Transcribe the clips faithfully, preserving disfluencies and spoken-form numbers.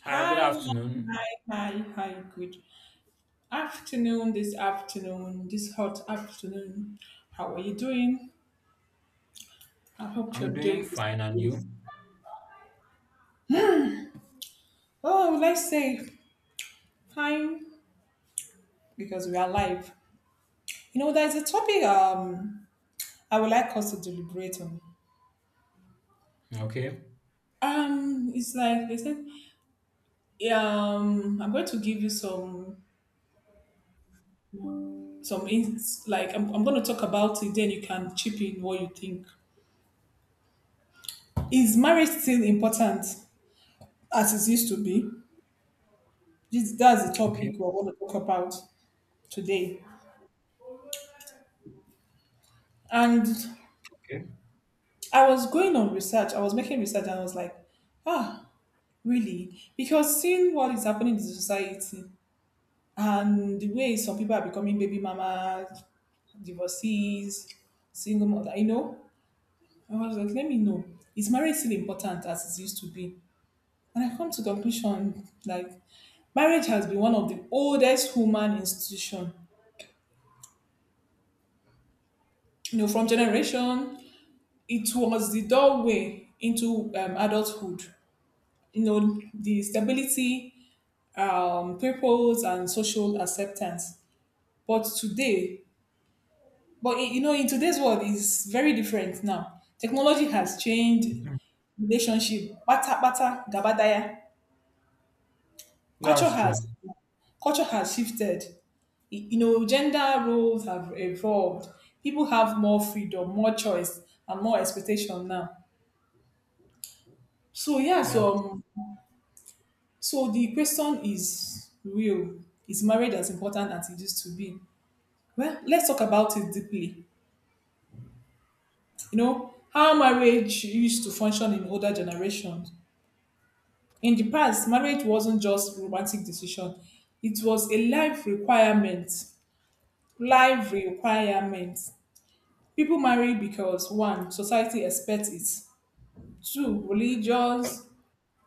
Hi, good Hi, afternoon. hi, hi, hi, good afternoon this afternoon, this hot afternoon. How are you doing? I hope you're I'm doing doing fine, and you? this. Oh, let's say fine because we are live. You know, there's a topic um I would like us to deliberate on. Okay, Um, it's like they said, yeah, um, I'm going to give you some some ins like I'm, I'm going to talk about it, then you can chip in what you think. Is marriage still important as it used to be? This, that's the okay, topic we're going to talk about today. And okay. I was going on research, I was making research, and I was like, ah, really? Because seeing what is happening in the society and the way some people are becoming baby mamas, divorcees, single mother, you know, I was like, let me know. Is marriage still important as it used to be? And I come to conclusion like marriage has been one of the oldest human institution. You know, from generation it was the doorway into um, adulthood. You know, the stability, um, purpose, and social acceptance. But today, but in- you know, in today's world, it's very different now. Technology has changed Mhm. relationship. Bata bata gabadaya. Culture That's true. has Culture has shifted. Y- You know, gender roles have evolved. People have more freedom, more choice, and more expectation now. So yeah, That's true. so um, So the question is real. Is marriage as important as it used to be? Well, let's talk about it deeply. You know, how marriage used to function in older generations. In the past, marriage wasn't just romantic decision. It was a life requirement. Life requirement. People marry because one, society expects it. Two, religious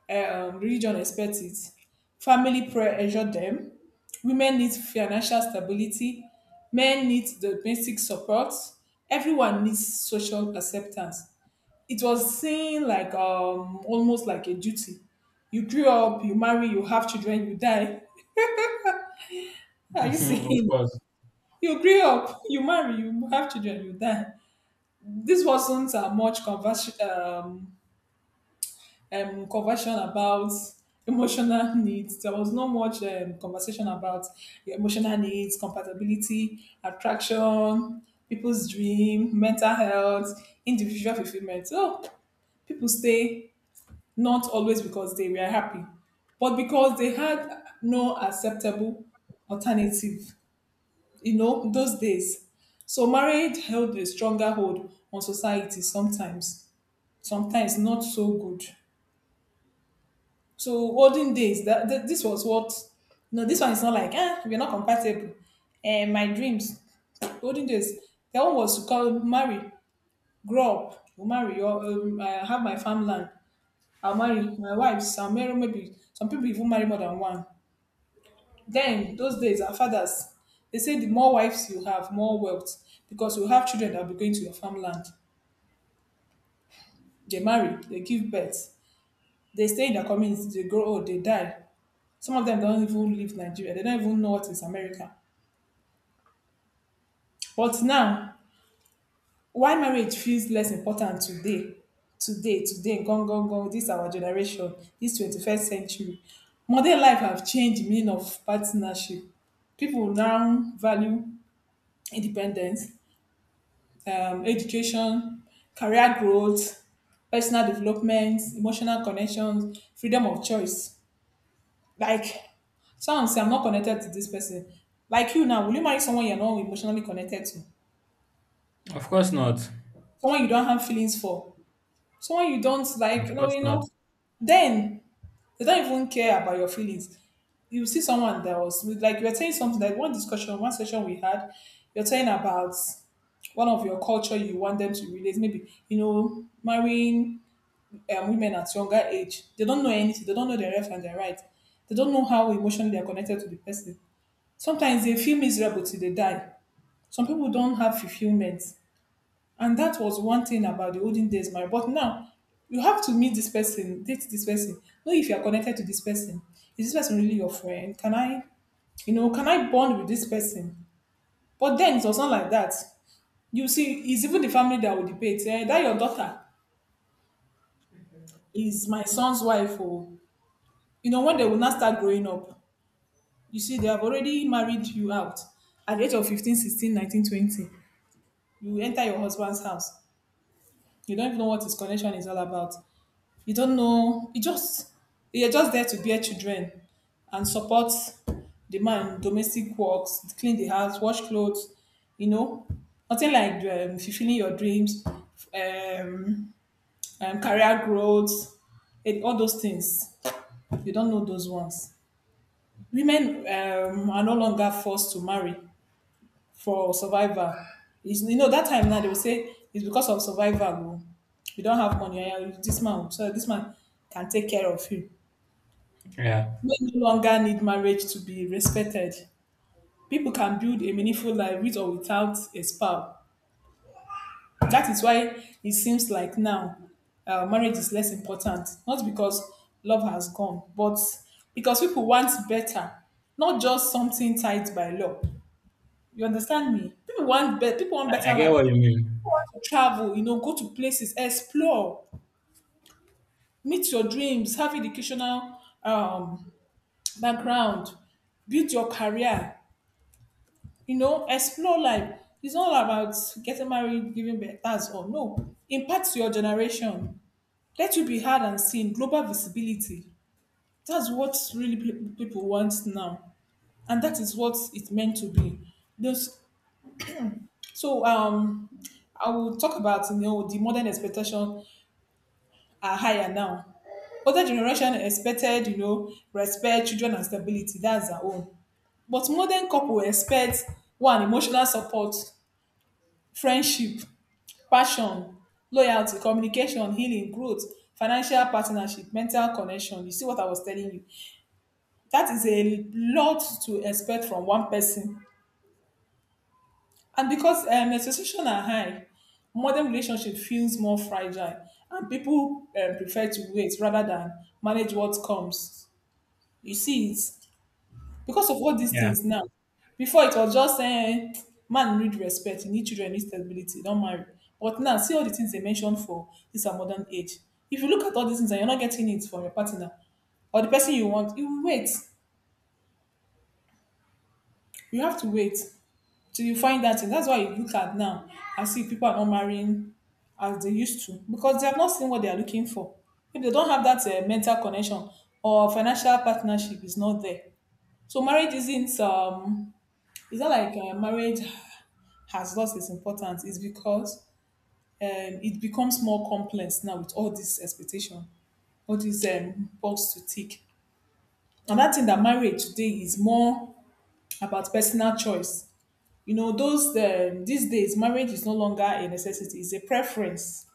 eh, um, religion expects it. Family prayer ensure them. Women need financial stability. Men need the basic support. Everyone needs social acceptance. It was seen like um, almost like a duty. You grew up, you marry, you have children, you die. Are you Mhm, of seeing? course. You grew up, you marry, you have children, you die. This wasn't uh, much convers- um, um, conversation about emotional needs. There was not much um, conversation about your emotional needs, compatibility, attraction, people's dream, mental health, individual fulfillment. So people stay not always because they were happy, but because they had no acceptable alternative, you know, those days. So marriage held a stronger hold on society sometimes, sometimes not so good. So olden days, that, that this was what. No, this one is not like ah, we're not compatible. And my dreams, olden days, that one was to call marry, grow up, will marry, or um, I have my farmland. I'll marry my wives. I'll marry maybe some people even marry more than one. Then those days, our fathers, they say the more wives you have, more wealth, because you have children that will be going to your farmland. They marry, they give birth, they stay in their communities, they grow old, they die. Some of them don't even leave Nigeria. They don't even know what is America. But now, why marriage feels less important today, today, today, gone, gone, gone, this our generation, this twenty-first century. Modern life have changed the meaning of partnership. People now value independence, um, education, career growth, personal development, emotional connections, freedom of choice. Like, someone say I'm not connected to this person. Like you now, will you marry someone you're not emotionally connected to? Of course not. Someone you don't have feelings for? Someone you don't like, you Of know, course you not. know. Then they don't even care about your feelings. You see someone that was with like you were saying something like one discussion, one session we had, you're saying about one of your culture you want them to relate, maybe, you know, marrying um, women at younger age. They don't know anything, they don't know their left and their right. They don't know how emotionally they're connected to the person. Sometimes they feel miserable till they die. Some people don't have fulfillment. And that was one thing about the olden days marriage. But now, you have to meet this person, date this person, know if you are connected to this person. Is this person really your friend? Can I, you know, can I bond with this person? But then it was not like that. You see, it's even the family that will debate. Eh, that your daughter is my son's wife. Or, you know, when they will not start growing up, you see, they have already married you out at the age of fifteen, sixteen, nineteen, twenty. You enter your husband's house. You don't even know what his connection is all about. You don't know. You just you're just there to bear children and support the man, domestic works, clean the house, wash clothes. You know, nothing like um, fulfilling your dreams, um, um, career growth, and all those things. You don't know those ones. Women um, are no longer forced to marry for survivor. It's, you know that time now they will say it's because of survivor. Oh. You don't have money. ah, ah, This man, so this man can take care of you. Yeah, Men no longer need marriage to be respected. People can build a meaningful life with or without a spouse. That is why it seems like now uh, marriage is less important. Not because love has gone, but because people want better, not just something tied by law. You understand me? People want better. People want I, I better get life. what you mean. To travel, you know, go to places, explore, meet your dreams, have educational um, background, build your career, you know, explore life. It's not about getting married, giving birth, that's all. No. Impact to your generation. Let you be heard and seen. Global visibility. That's what really pe- people want now. And that is what it's meant to be. Those, so um, I will talk about you know the modern expectation are higher now. Older generation expected, you know, respect, children, and stability. That's their own. But modern couple expect one emotional support, friendship, passion, loyalty, communication, healing, growth, financial partnership, mental connection. You see what I was telling you. That is a lot to expect from one person. And because um, expectations are high, modern relationship feels more fragile, and people um, prefer to wait rather than manage what comes. You see it because of all these Yeah. things now. Before it was just saying man need respect, you need children, you need stability, don't marry. But now see all the things they mentioned for this our modern age. If you look at all these things and you're not getting it from your partner or the person you want, you will wait. You have to wait till you find that thing. That's why you look at now and see people are not marrying as they used to because they have not seen what they are looking for. If they don't have that uh, mental connection or financial partnership is not there, so marriage isn't um it's not like uh, marriage has lost its importance. It's because um, it becomes more complex now with all this expectation, all these um, box to tick. Another thing that marriage today is more about personal choice. You know, those um, these days marriage is no longer a necessity; it's a preference.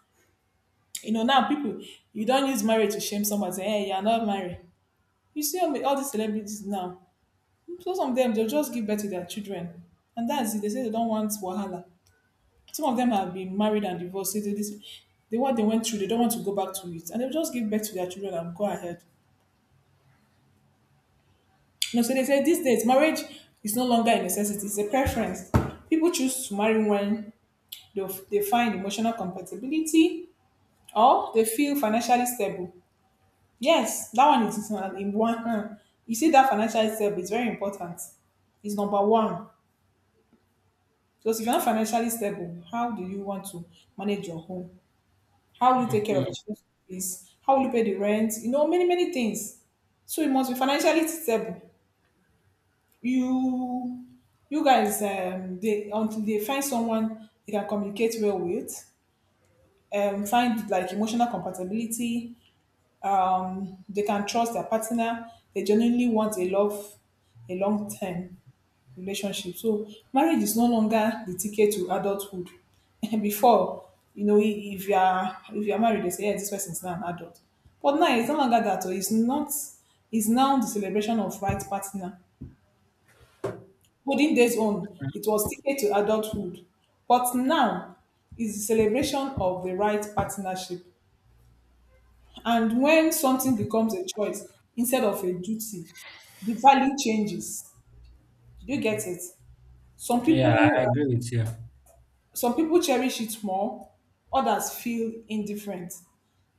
You know, now people you don't use marriage to shame someone. Say, hey, you're not married. You see all all these celebrities now. So some of them they'll just give birth to their children, and that's it. They say they don't want wahala. Some of them have been married and divorced. They, they, this- they what they went through, they don't want to go back to it, and they just give birth to their children and go ahead. You know, so they say these days marriage is no longer a necessity; it's a preference. People choose to marry when they, they find emotional compatibility or they feel financially stable. Yes, that one is an- in one hand. You see, that financially stable is very important. It's number one. Because if you're not financially stable, how do you want to manage your home? How will you take care of the Mhm. children's fees? How will you pay the rent? You know, many, many things. So you must be financially stable. You you guys um they until they find someone they can communicate well with, um, find like emotional compatibility, um, they can trust their partner, they genuinely want a love a long time relationship. So marriage is no longer the ticket to adulthood. Before, you know, i- if you are if you are married, they say yes, this person is now an adult. But now it's no longer that. Or it's not. It's now the celebration of right partner. Olden days on, it was ticket to adulthood, but now is the celebration of the right partnership. And when something becomes a choice instead of a duty, the value changes. Do you get it? Some Yeah, I people agree with you. some people cherish it more, others feel indifferent,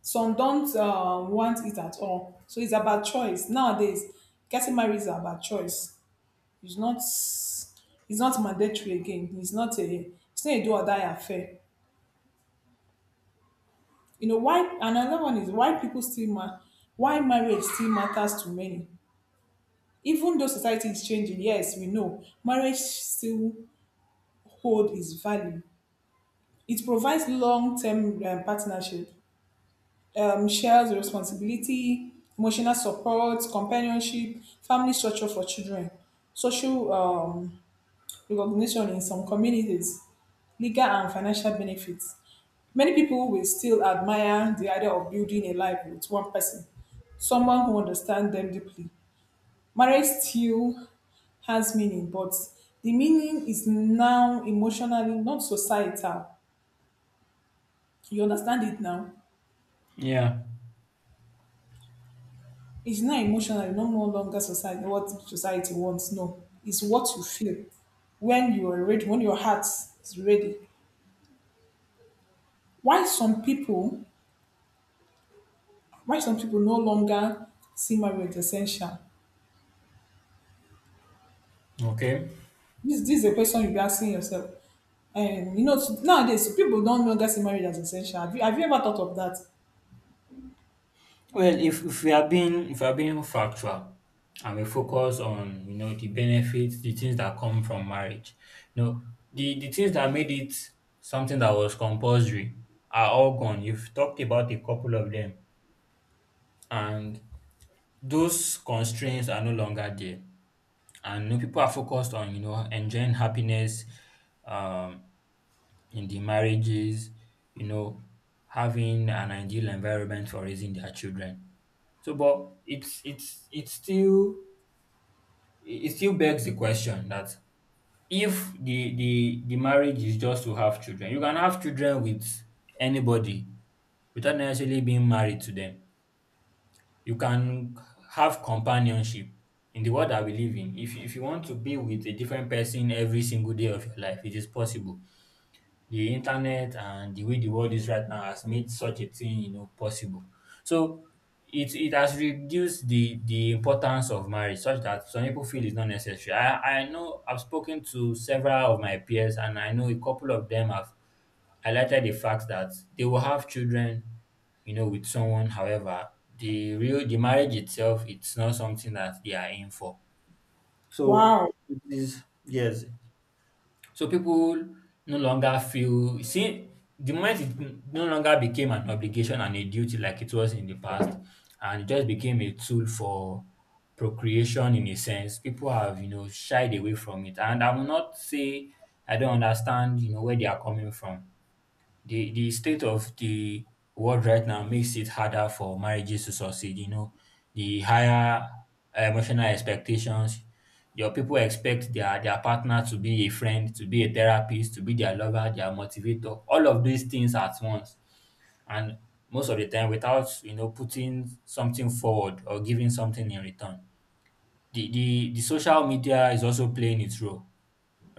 some don't um, want it at all. So it's about choice nowadays. Getting married is about choice. It's not it's not mandatory again. It's not a it's not a do or die affair. You know why? And another one is why people still ma- why marriage still matters to many even though society is changing. Yes, we know marriage still hold its value. It provides long-term um, partnership, um, shares responsibility, emotional support, companionship, family structure for children, social um, recognition in some communities, legal and financial benefits. Many people will still admire the idea of building a life with one person, someone who understands them deeply. Marriage still has meaning, but the meaning is now emotionally, not societal. You understand it now? Yeah. It's not emotional, not no longer society what society wants. No. It's what you feel when you are ready, when your heart is ready. Why some people why some people no longer see marriage essential? Okay. This this is a question you'll be asking yourself. And you know nowadays people don't longer see marriage as essential. Have you have you ever thought of that? Well, if, if we are being if we are being factual, and we focus on, you know, the benefits, the things that come from marriage, you know, the the things that made it something that was compulsory are all gone. You've talked about a couple of them, and those constraints are no longer there. And you know, people are focused on, you know, enjoying happiness, um, in the marriages, you know, having an ideal environment for raising their children. So, but it's it's it's still, it it still begs the question that if the the the marriage is just to have children, you can have children with anybody without necessarily being married to them. You can have companionship in the world that we live in. If if you want to be with a different person every single day of your life, it is possible. The internet and the way the world is right now has made such a thing, you know, possible. So it it has reduced the the importance of marriage such that some people feel it's not necessary. I i know i've spoken to several of my peers, and I know a couple of them have highlighted the fact that they will have children, you know, with someone. However, the real the marriage itself, it's not something that they are in for. So Wow. it is, yes. So people no longer feel, see, the moment it no longer became an obligation and a duty like it was in the past, and it just became a tool for procreation in a sense, people have, you know, shied away from it. And I will not say I don't understand, you know, where they are coming from. The the state of the world right now makes it harder for marriages to succeed. You know, the higher emotional expectations, your people expect their their partner to be a friend, to be a therapist, to be their lover, their motivator, all of these things at once. And most of the time, without, you know, putting something forward or giving something in return. The, the the social media is also playing its role,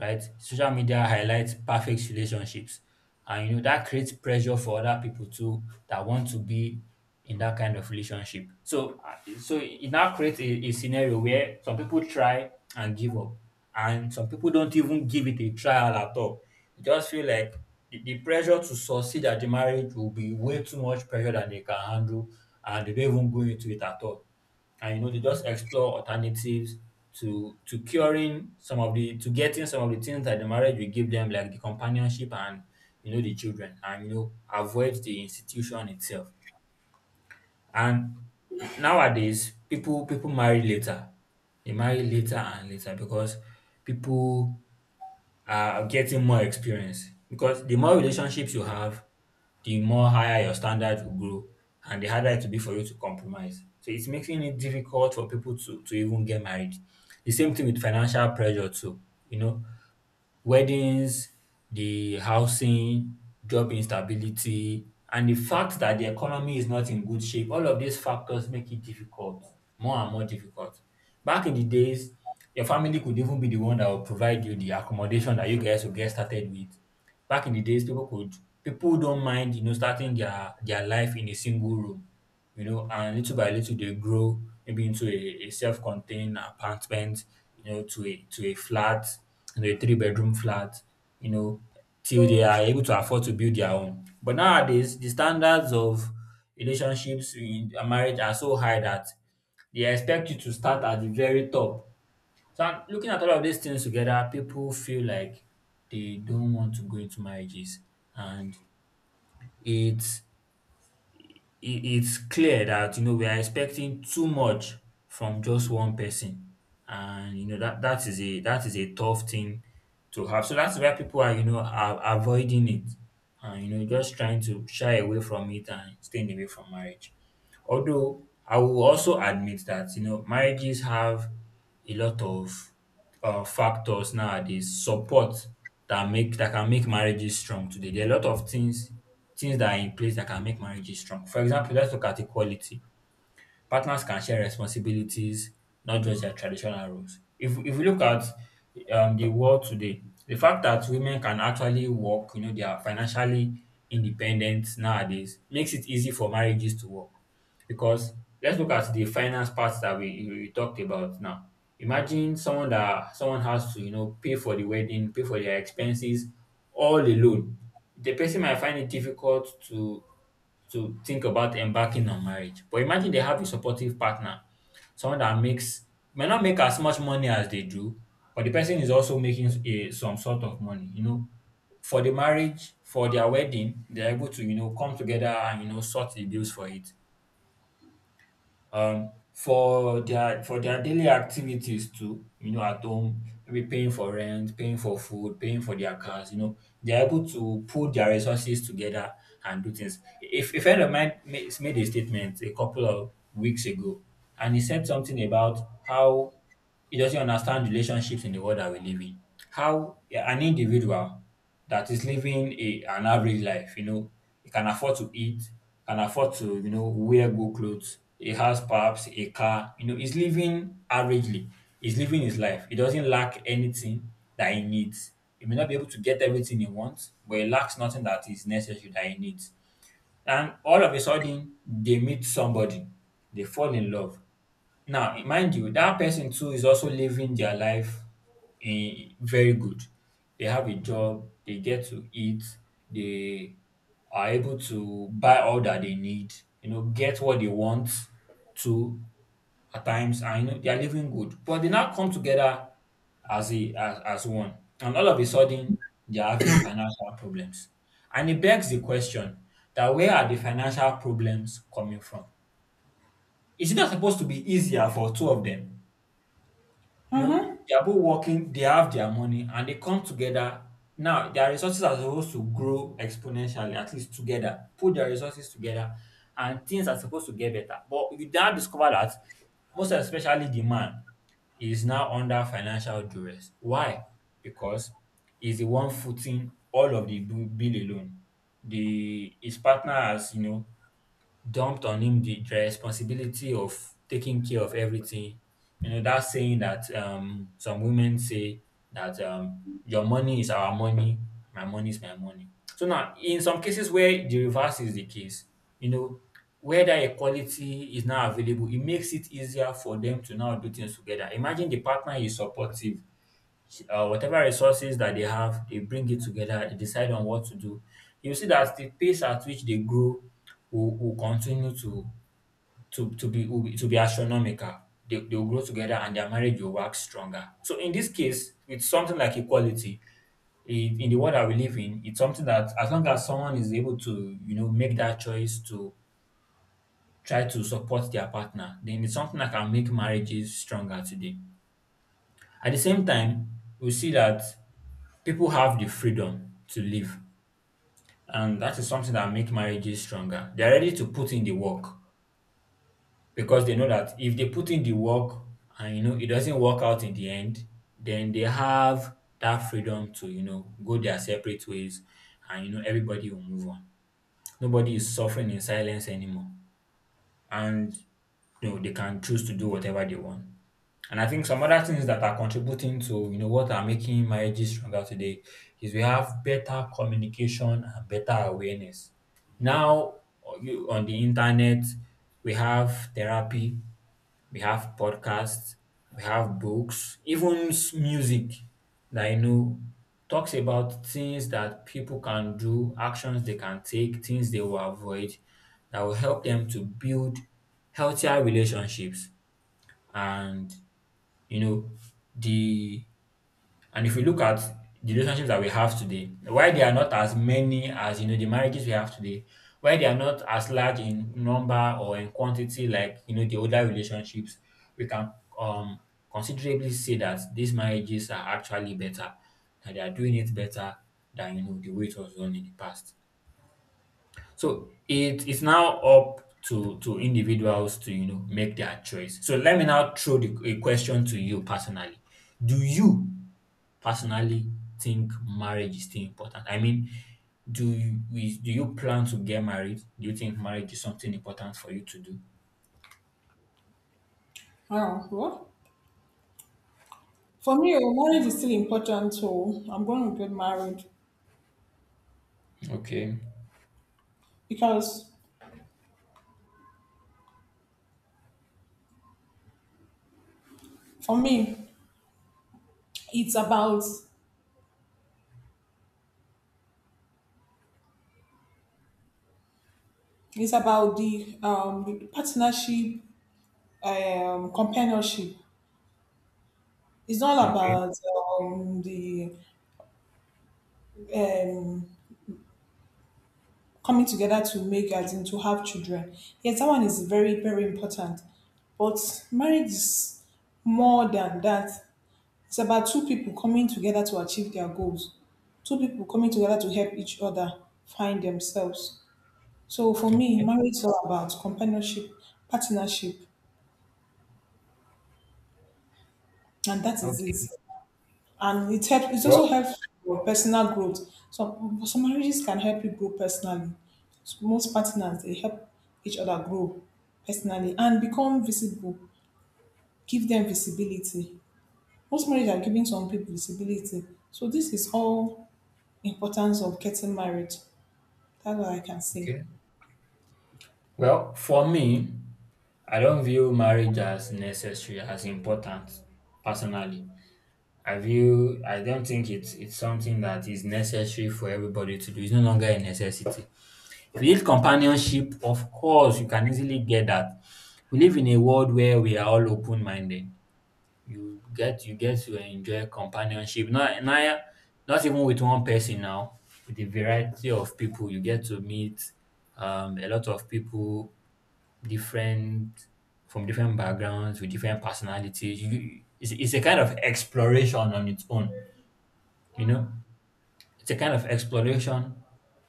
right? Social media highlights perfect relationships, and you know that creates pressure for other people too that want to be in that kind of relationship. So uh, so it now creates a, a scenario where some people try and give up, and some people don't even give it a trial at all. They just feel like the, the pressure to succeed at the marriage will be way too much pressure than they can handle, and they don't even go into it at all. And you know, they just explore alternatives to to curing some of the to getting some of the things that the marriage will give them, like the companionship and, you know, the children, and, you know, avoid the institution itself. And nowadays, people people marry later. They marry later and later because people are getting more experience, because the more relationships you have, the more higher your standards will grow, and the harder it will be for you to compromise. So it's making it difficult for people to, to even get married. The same thing with financial pressure too. You know, weddings, the housing, job instability, and the fact that the economy is not in good shape. All of these factors make it difficult, more and more difficult. Back in the days, your family could even be the one that will provide you the accommodation that you guys will get started with. Back in the days, people could, people don't mind, you know, starting their their life in a single room, you know, and little by little they grow, maybe into a, a self-contained apartment, you know, to a to a flat, you know, a three-bedroom flat, you know, till they are able to afford to build their own. But nowadays, the standards of relationships in a marriage are so high that they expect you to start at the very top. So I'm looking at all of these things together, people feel like they don't want to go into marriages. And it it, it's clear that you know we are expecting too much from just one person, and you know that that is a that is a tough thing to have. So that's why people are, you know, are avoiding it and, you know, just trying to shy away from it and staying away from marriage. Although I will also admit that, you know, marriages have a lot of uh, factors nowadays support that make that can make marriages strong today. There are a lot of things, things that are in place that can make marriages strong. For example, let's look at equality. Partners can share responsibilities, not just their traditional roles. If if we look at um, the world today, the fact that women can actually work, you know, they are financially independent nowadays, makes it easy for marriages to work. Because let's look at the finance parts that we, we talked about now. Imagine someone that someone has to, you know, pay for the wedding, pay for their expenses all alone. The person might find it difficult to to think about embarking on marriage. But imagine they have a supportive partner, someone that makes, may not make as much money as they do, but the person is also making a, some sort of money. You know, for the marriage, for their wedding, they're able to, you know, come together and, you know, sort the bills for it, um for their for their daily activities too, you know, at home, maybe paying for rent, paying for food, paying for their cars, you know, they're able to pull their resources together and do things. If a friend of mine ma- made a statement a couple of weeks ago, and he said something about how it doesn't understand relationships in the world that we live in. How yeah, an individual that is living a, an average life, you know, he can afford to eat, can afford to, you know, wear good clothes, he has perhaps a car, you know, he's living averagely. He's living his life. He doesn't lack anything that he needs. He may not be able to get everything he wants, but he lacks nothing that is necessary that he needs. And all of a sudden, they meet somebody, they fall in love. Now, mind you, that person too is also living their life in very good. They have a job, they get to eat, they are able to buy all that they need, you know, get what they want to at times, and you know, they are living good. But they now come together as a as, as one, and all of a sudden, they are having financial problems. And it begs the question that where are the financial problems coming from? Is it not supposed to be easier for two of them you know, Mm-hmm. they are both working, they have their money, and they come together. Now, their resources are supposed to grow exponentially, at least together. Put their resources together, and things are supposed to get better. But you now discover that most especially the man is now under financial duress. Why? Because he's the one footing all of the bu- bill alone. The his partner has, you know, dumped on him the the responsibility of taking care of everything. You know, that saying that um, some women say that um, your money is our money, my money is my money. So now, in some cases where the reverse is the case, you know, where that equality is now available, it makes it easier for them to now do things together. Imagine the partner is supportive, uh, whatever resources that they have, they bring it together, they decide on what to do. You see that the pace at which they grow will, will continue to to to be, will be to be astronomical. They, they will grow together and their marriage will work stronger. So in this case, with something like equality, in in the world that we live in, it's something that as long as someone is able to, you know, make that choice to try to support their partner, then it's something that can make marriages stronger today. At the same time, we see that people have the freedom to live, and that is something that make marriages stronger. They're ready to put in the work because they know that if they put in the work and you know it doesn't work out in the end, then they have that freedom to you know go their separate ways, and you know everybody will move on. Nobody is suffering in silence anymore, and you know they can choose to do whatever they want. And I think some other things that are contributing to you know what are making marriages stronger today is we have better communication and better awareness. Now o- you- on the internet, we have therapy, we have podcasts, we have books, even s- music that you know talks about things that people can do, actions they can take, things they will avoid that will help them to build healthier relationships and you know the and if we look at the relationships that we have today, why they are not as many as you know the marriages we have today, why they are not as large in number or in quantity like you know the older relationships, we can um considerably say that these marriages are actually better, that they are doing it better than you know the way it was done in the past. So it is now up to to individuals to you know make their choice. So let me now throw the, a question to you personally. Do you personally think marriage is still important? I mean, do you is- do you plan to get married? Do you think marriage is something important for you to do? Wow. What? For me, oh, marriage is still important, so I'm going to get married Okay. because for me, it's about. It's about the um the partnership, um, companionship. It's all Okay. about um the um coming together to make, as in to have children. Yes, that one is very, very important. But marriage is more than that. It's about two people coming together to achieve their goals. Two people coming together to help each other find themselves. So for me, Okay. marriage is all about companionship, partnership, and that is Okay. it. And it help, it also Well, helps for personal growth. Some some marriages can help you grow personally. So most partners, they help each other grow personally and become visible. Give them visibility. Most marriages are giving some people visibility. So this is all importance of getting married. That's what I can say. okay. Well, for me, I don't view marriage as necessary, as important personally. Have you? I don't think it's it's something that is necessary for everybody to do. It's no longer a necessity. If you need companionship, of course you can easily get that. We live in a world where we are all open minded. You get you get to enjoy companionship. Not not not even with one person now. With a variety of people, you get to meet um, a lot of people, different from different backgrounds with different personalities. You, it's, it's a kind of exploration on its own, you know, it's a kind of exploration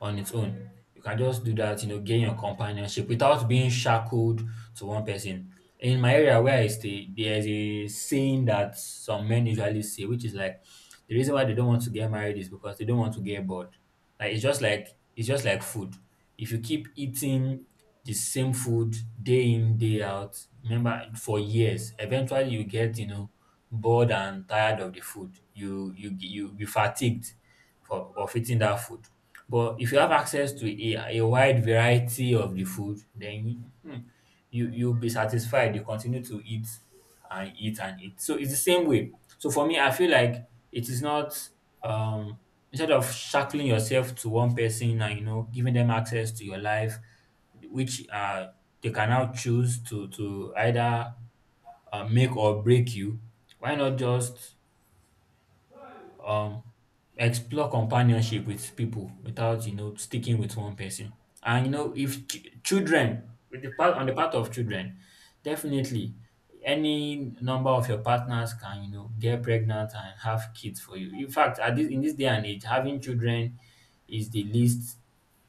on its own. You can just do that, you know, gain your companionship without being shackled to one person. In my area where I stay, there's a saying that some men usually say, which is like the reason why they don't want to get married is because they don't want to get bored. Like it's just like it's just like food. If you keep eating the same food day in, day out, remember for years, eventually you get, you know, bored and tired of the food. You you you be fatigued for of eating that food. But if you have access to a a wide variety of the food, then you hmm, you you'll be satisfied. You continue to eat and eat and eat. So it's the same way. So for me, I feel like it is not um instead of shackling yourself to one person and you know giving them access to your life, which uh they can now choose to to either uh, make or break you. Why not just um explore companionship with people without you know sticking with one person, and you know if ch- children with the part on the part of children, definitely any number of your partners can you know get pregnant and have kids for you. In fact, at this in this day and age, having children is the least,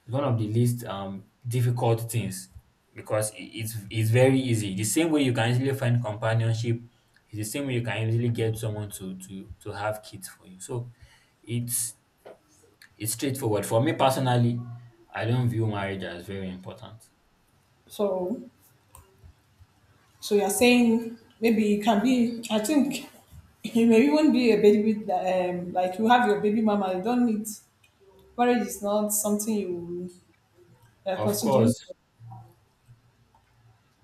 it's one of the least um, difficult things because i- it's it's very easy. The same way you can easily find companionship, it's the same way you can easily get someone to to to have kids for you. So it's it's straightforward. For me personally, I don't view marriage as very important. So so you're saying maybe it can be. I think it may even be a baby with um, like you have your baby mama. You don't need. Marriage is not something you uh, Of course, considering.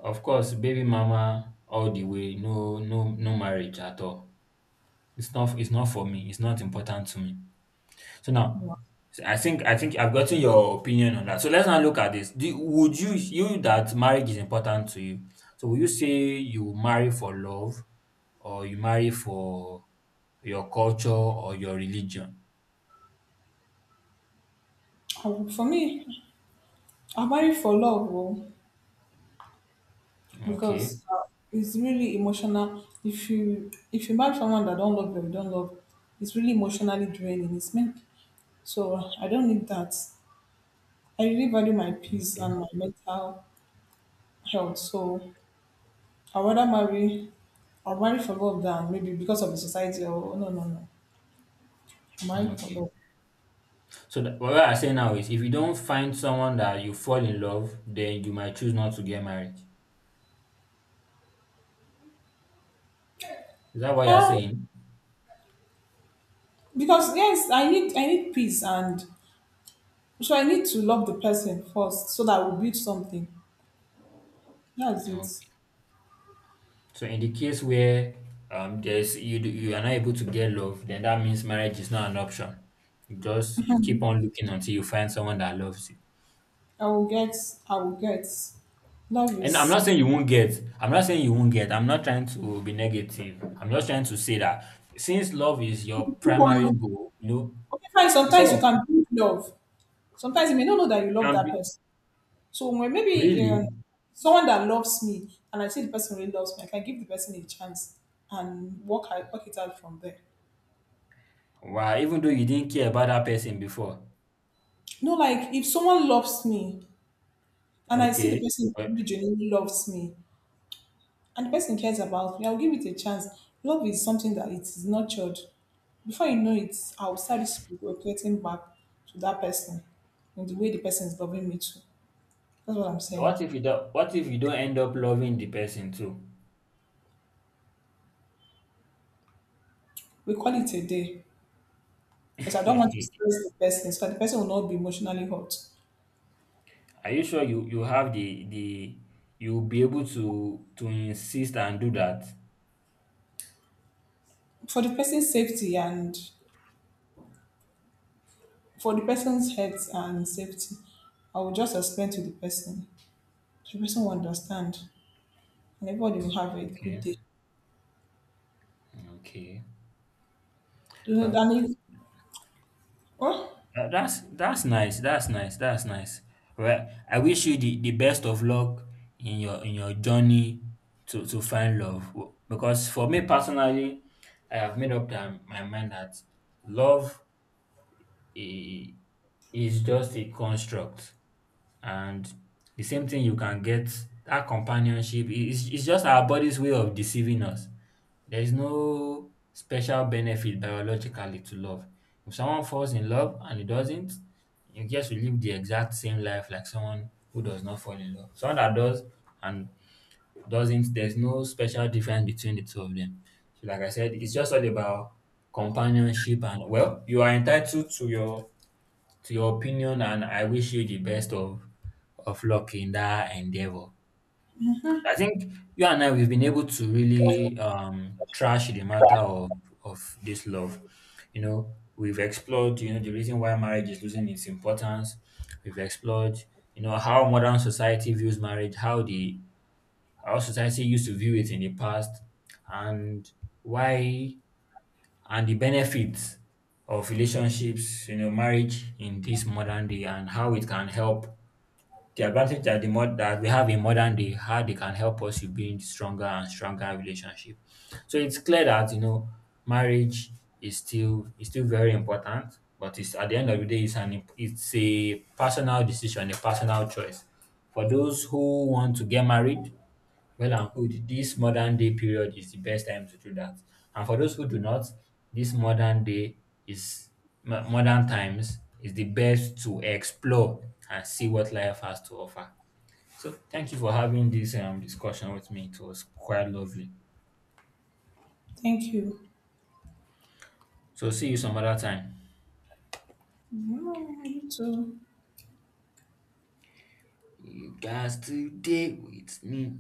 of course, baby mama all the way, no no no marriage at all. It's not it's not for me, it's not important to me. So now, so I think I think I've gotten your opinion on that. So let's now look at this. Do, would you you that marriage is important to you? So will you say you marry for love, or you marry for your culture or your religion? Oh, for me, I'm married for love, oh, Okay, because uh, it's really emotional. If you if you marry someone that don't love you, don't love, it's really emotionally draining. It's meant. So uh, I don't need that. I really value my peace okay, and my mental health. So I rather marry, I'll marry for love than maybe because of the society, or no, no, no, I'm mm, married for okay. love. So that, what I say now is, if you don't find someone that you fall in love, then you might choose not to get married. Is that what you're Yeah, saying? because yes, I need, I need peace. And so I need to love the person first so that we build something. That's it. So in the case where um there's you do- you are not able to get love, then that means marriage is not an option. You just keep on looking until you find someone that loves you. I will get. I will get. Love And I'm is. not saying you won't get. I'm not saying you won't get. I'm not trying to be negative. I'm just trying to say that since love is your Keep on primary looking. goal, you know, Okay, fine. you say, Sometimes you well, can build love. Sometimes you may not know that you you love can that be person. So when maybe uh, really someone that loves me, and I see the person really loves me, I can give the person a chance and work out- work it out from there. wow, even though you didn't care about that person before. No, like if someone loves me and I see the Okay. person But really genuinely loves me, and the person cares about me, I'll give it a chance. Love is something that it is nurtured. Before you know it, I'll start reflecting back to that person in the way the person is loving me too. That's what I'm so saying. what if you don't, what if you don't end up loving the person too? We call it a day because I don't want to stress the person so that the person will not be emotionally hurt. Are you sure you you have the the you'll be able to to insist and do that? For the person's safety and for the person's health and safety, I will just explain to the person. The person will understand and everybody will have a good Okay, day. okay. Do you know, Well, Danny? Oh, tha- that's that's nice. That's nice. That's nice. Well, I wish you the, the best of luck in your in your journey to to find love. W- Because for me personally, I have made up that- my mind that love i- is just a construct, and the same thing you can get that companionship i- is, it's just our body's way of deceiving us. There is no special benefit biologically to love. If someone falls in love and it doesn't, you just will live the exact same life like someone who does not fall in love, someone that does and doesn't. There's no special difference between the two of them. So like I said, it's just all about companionship. And well, you are entitled to your to your opinion, and I wish you the best of of luck in that endeavor. I think you and I, we've been able to really um trash the matter of of this love. You know, we've explored, you know, the reason why marriage is losing its importance. We've explored, you know, how modern society views marriage, how the how society used to view it in the past, and why, and the benefits of relationships, you know, marriage in this modern day, and how it can help the advantage that the mod that we have in modern day, how they can help us to build stronger and stronger relationship. So it's clear that you know marriage is still is still very important, but it's at the end of the day, it's an imp- it's a personal decision, a personal choice. For those who want to get married, well and good. This modern day period is the best time to do that. And for those who do not, this modern day is mo- modern times is the best to explore and see what life has to offer. So thank you for having this um discussion with me. It was quite lovely. thank you. So see you some other time. 嗯，这。You guys today with me.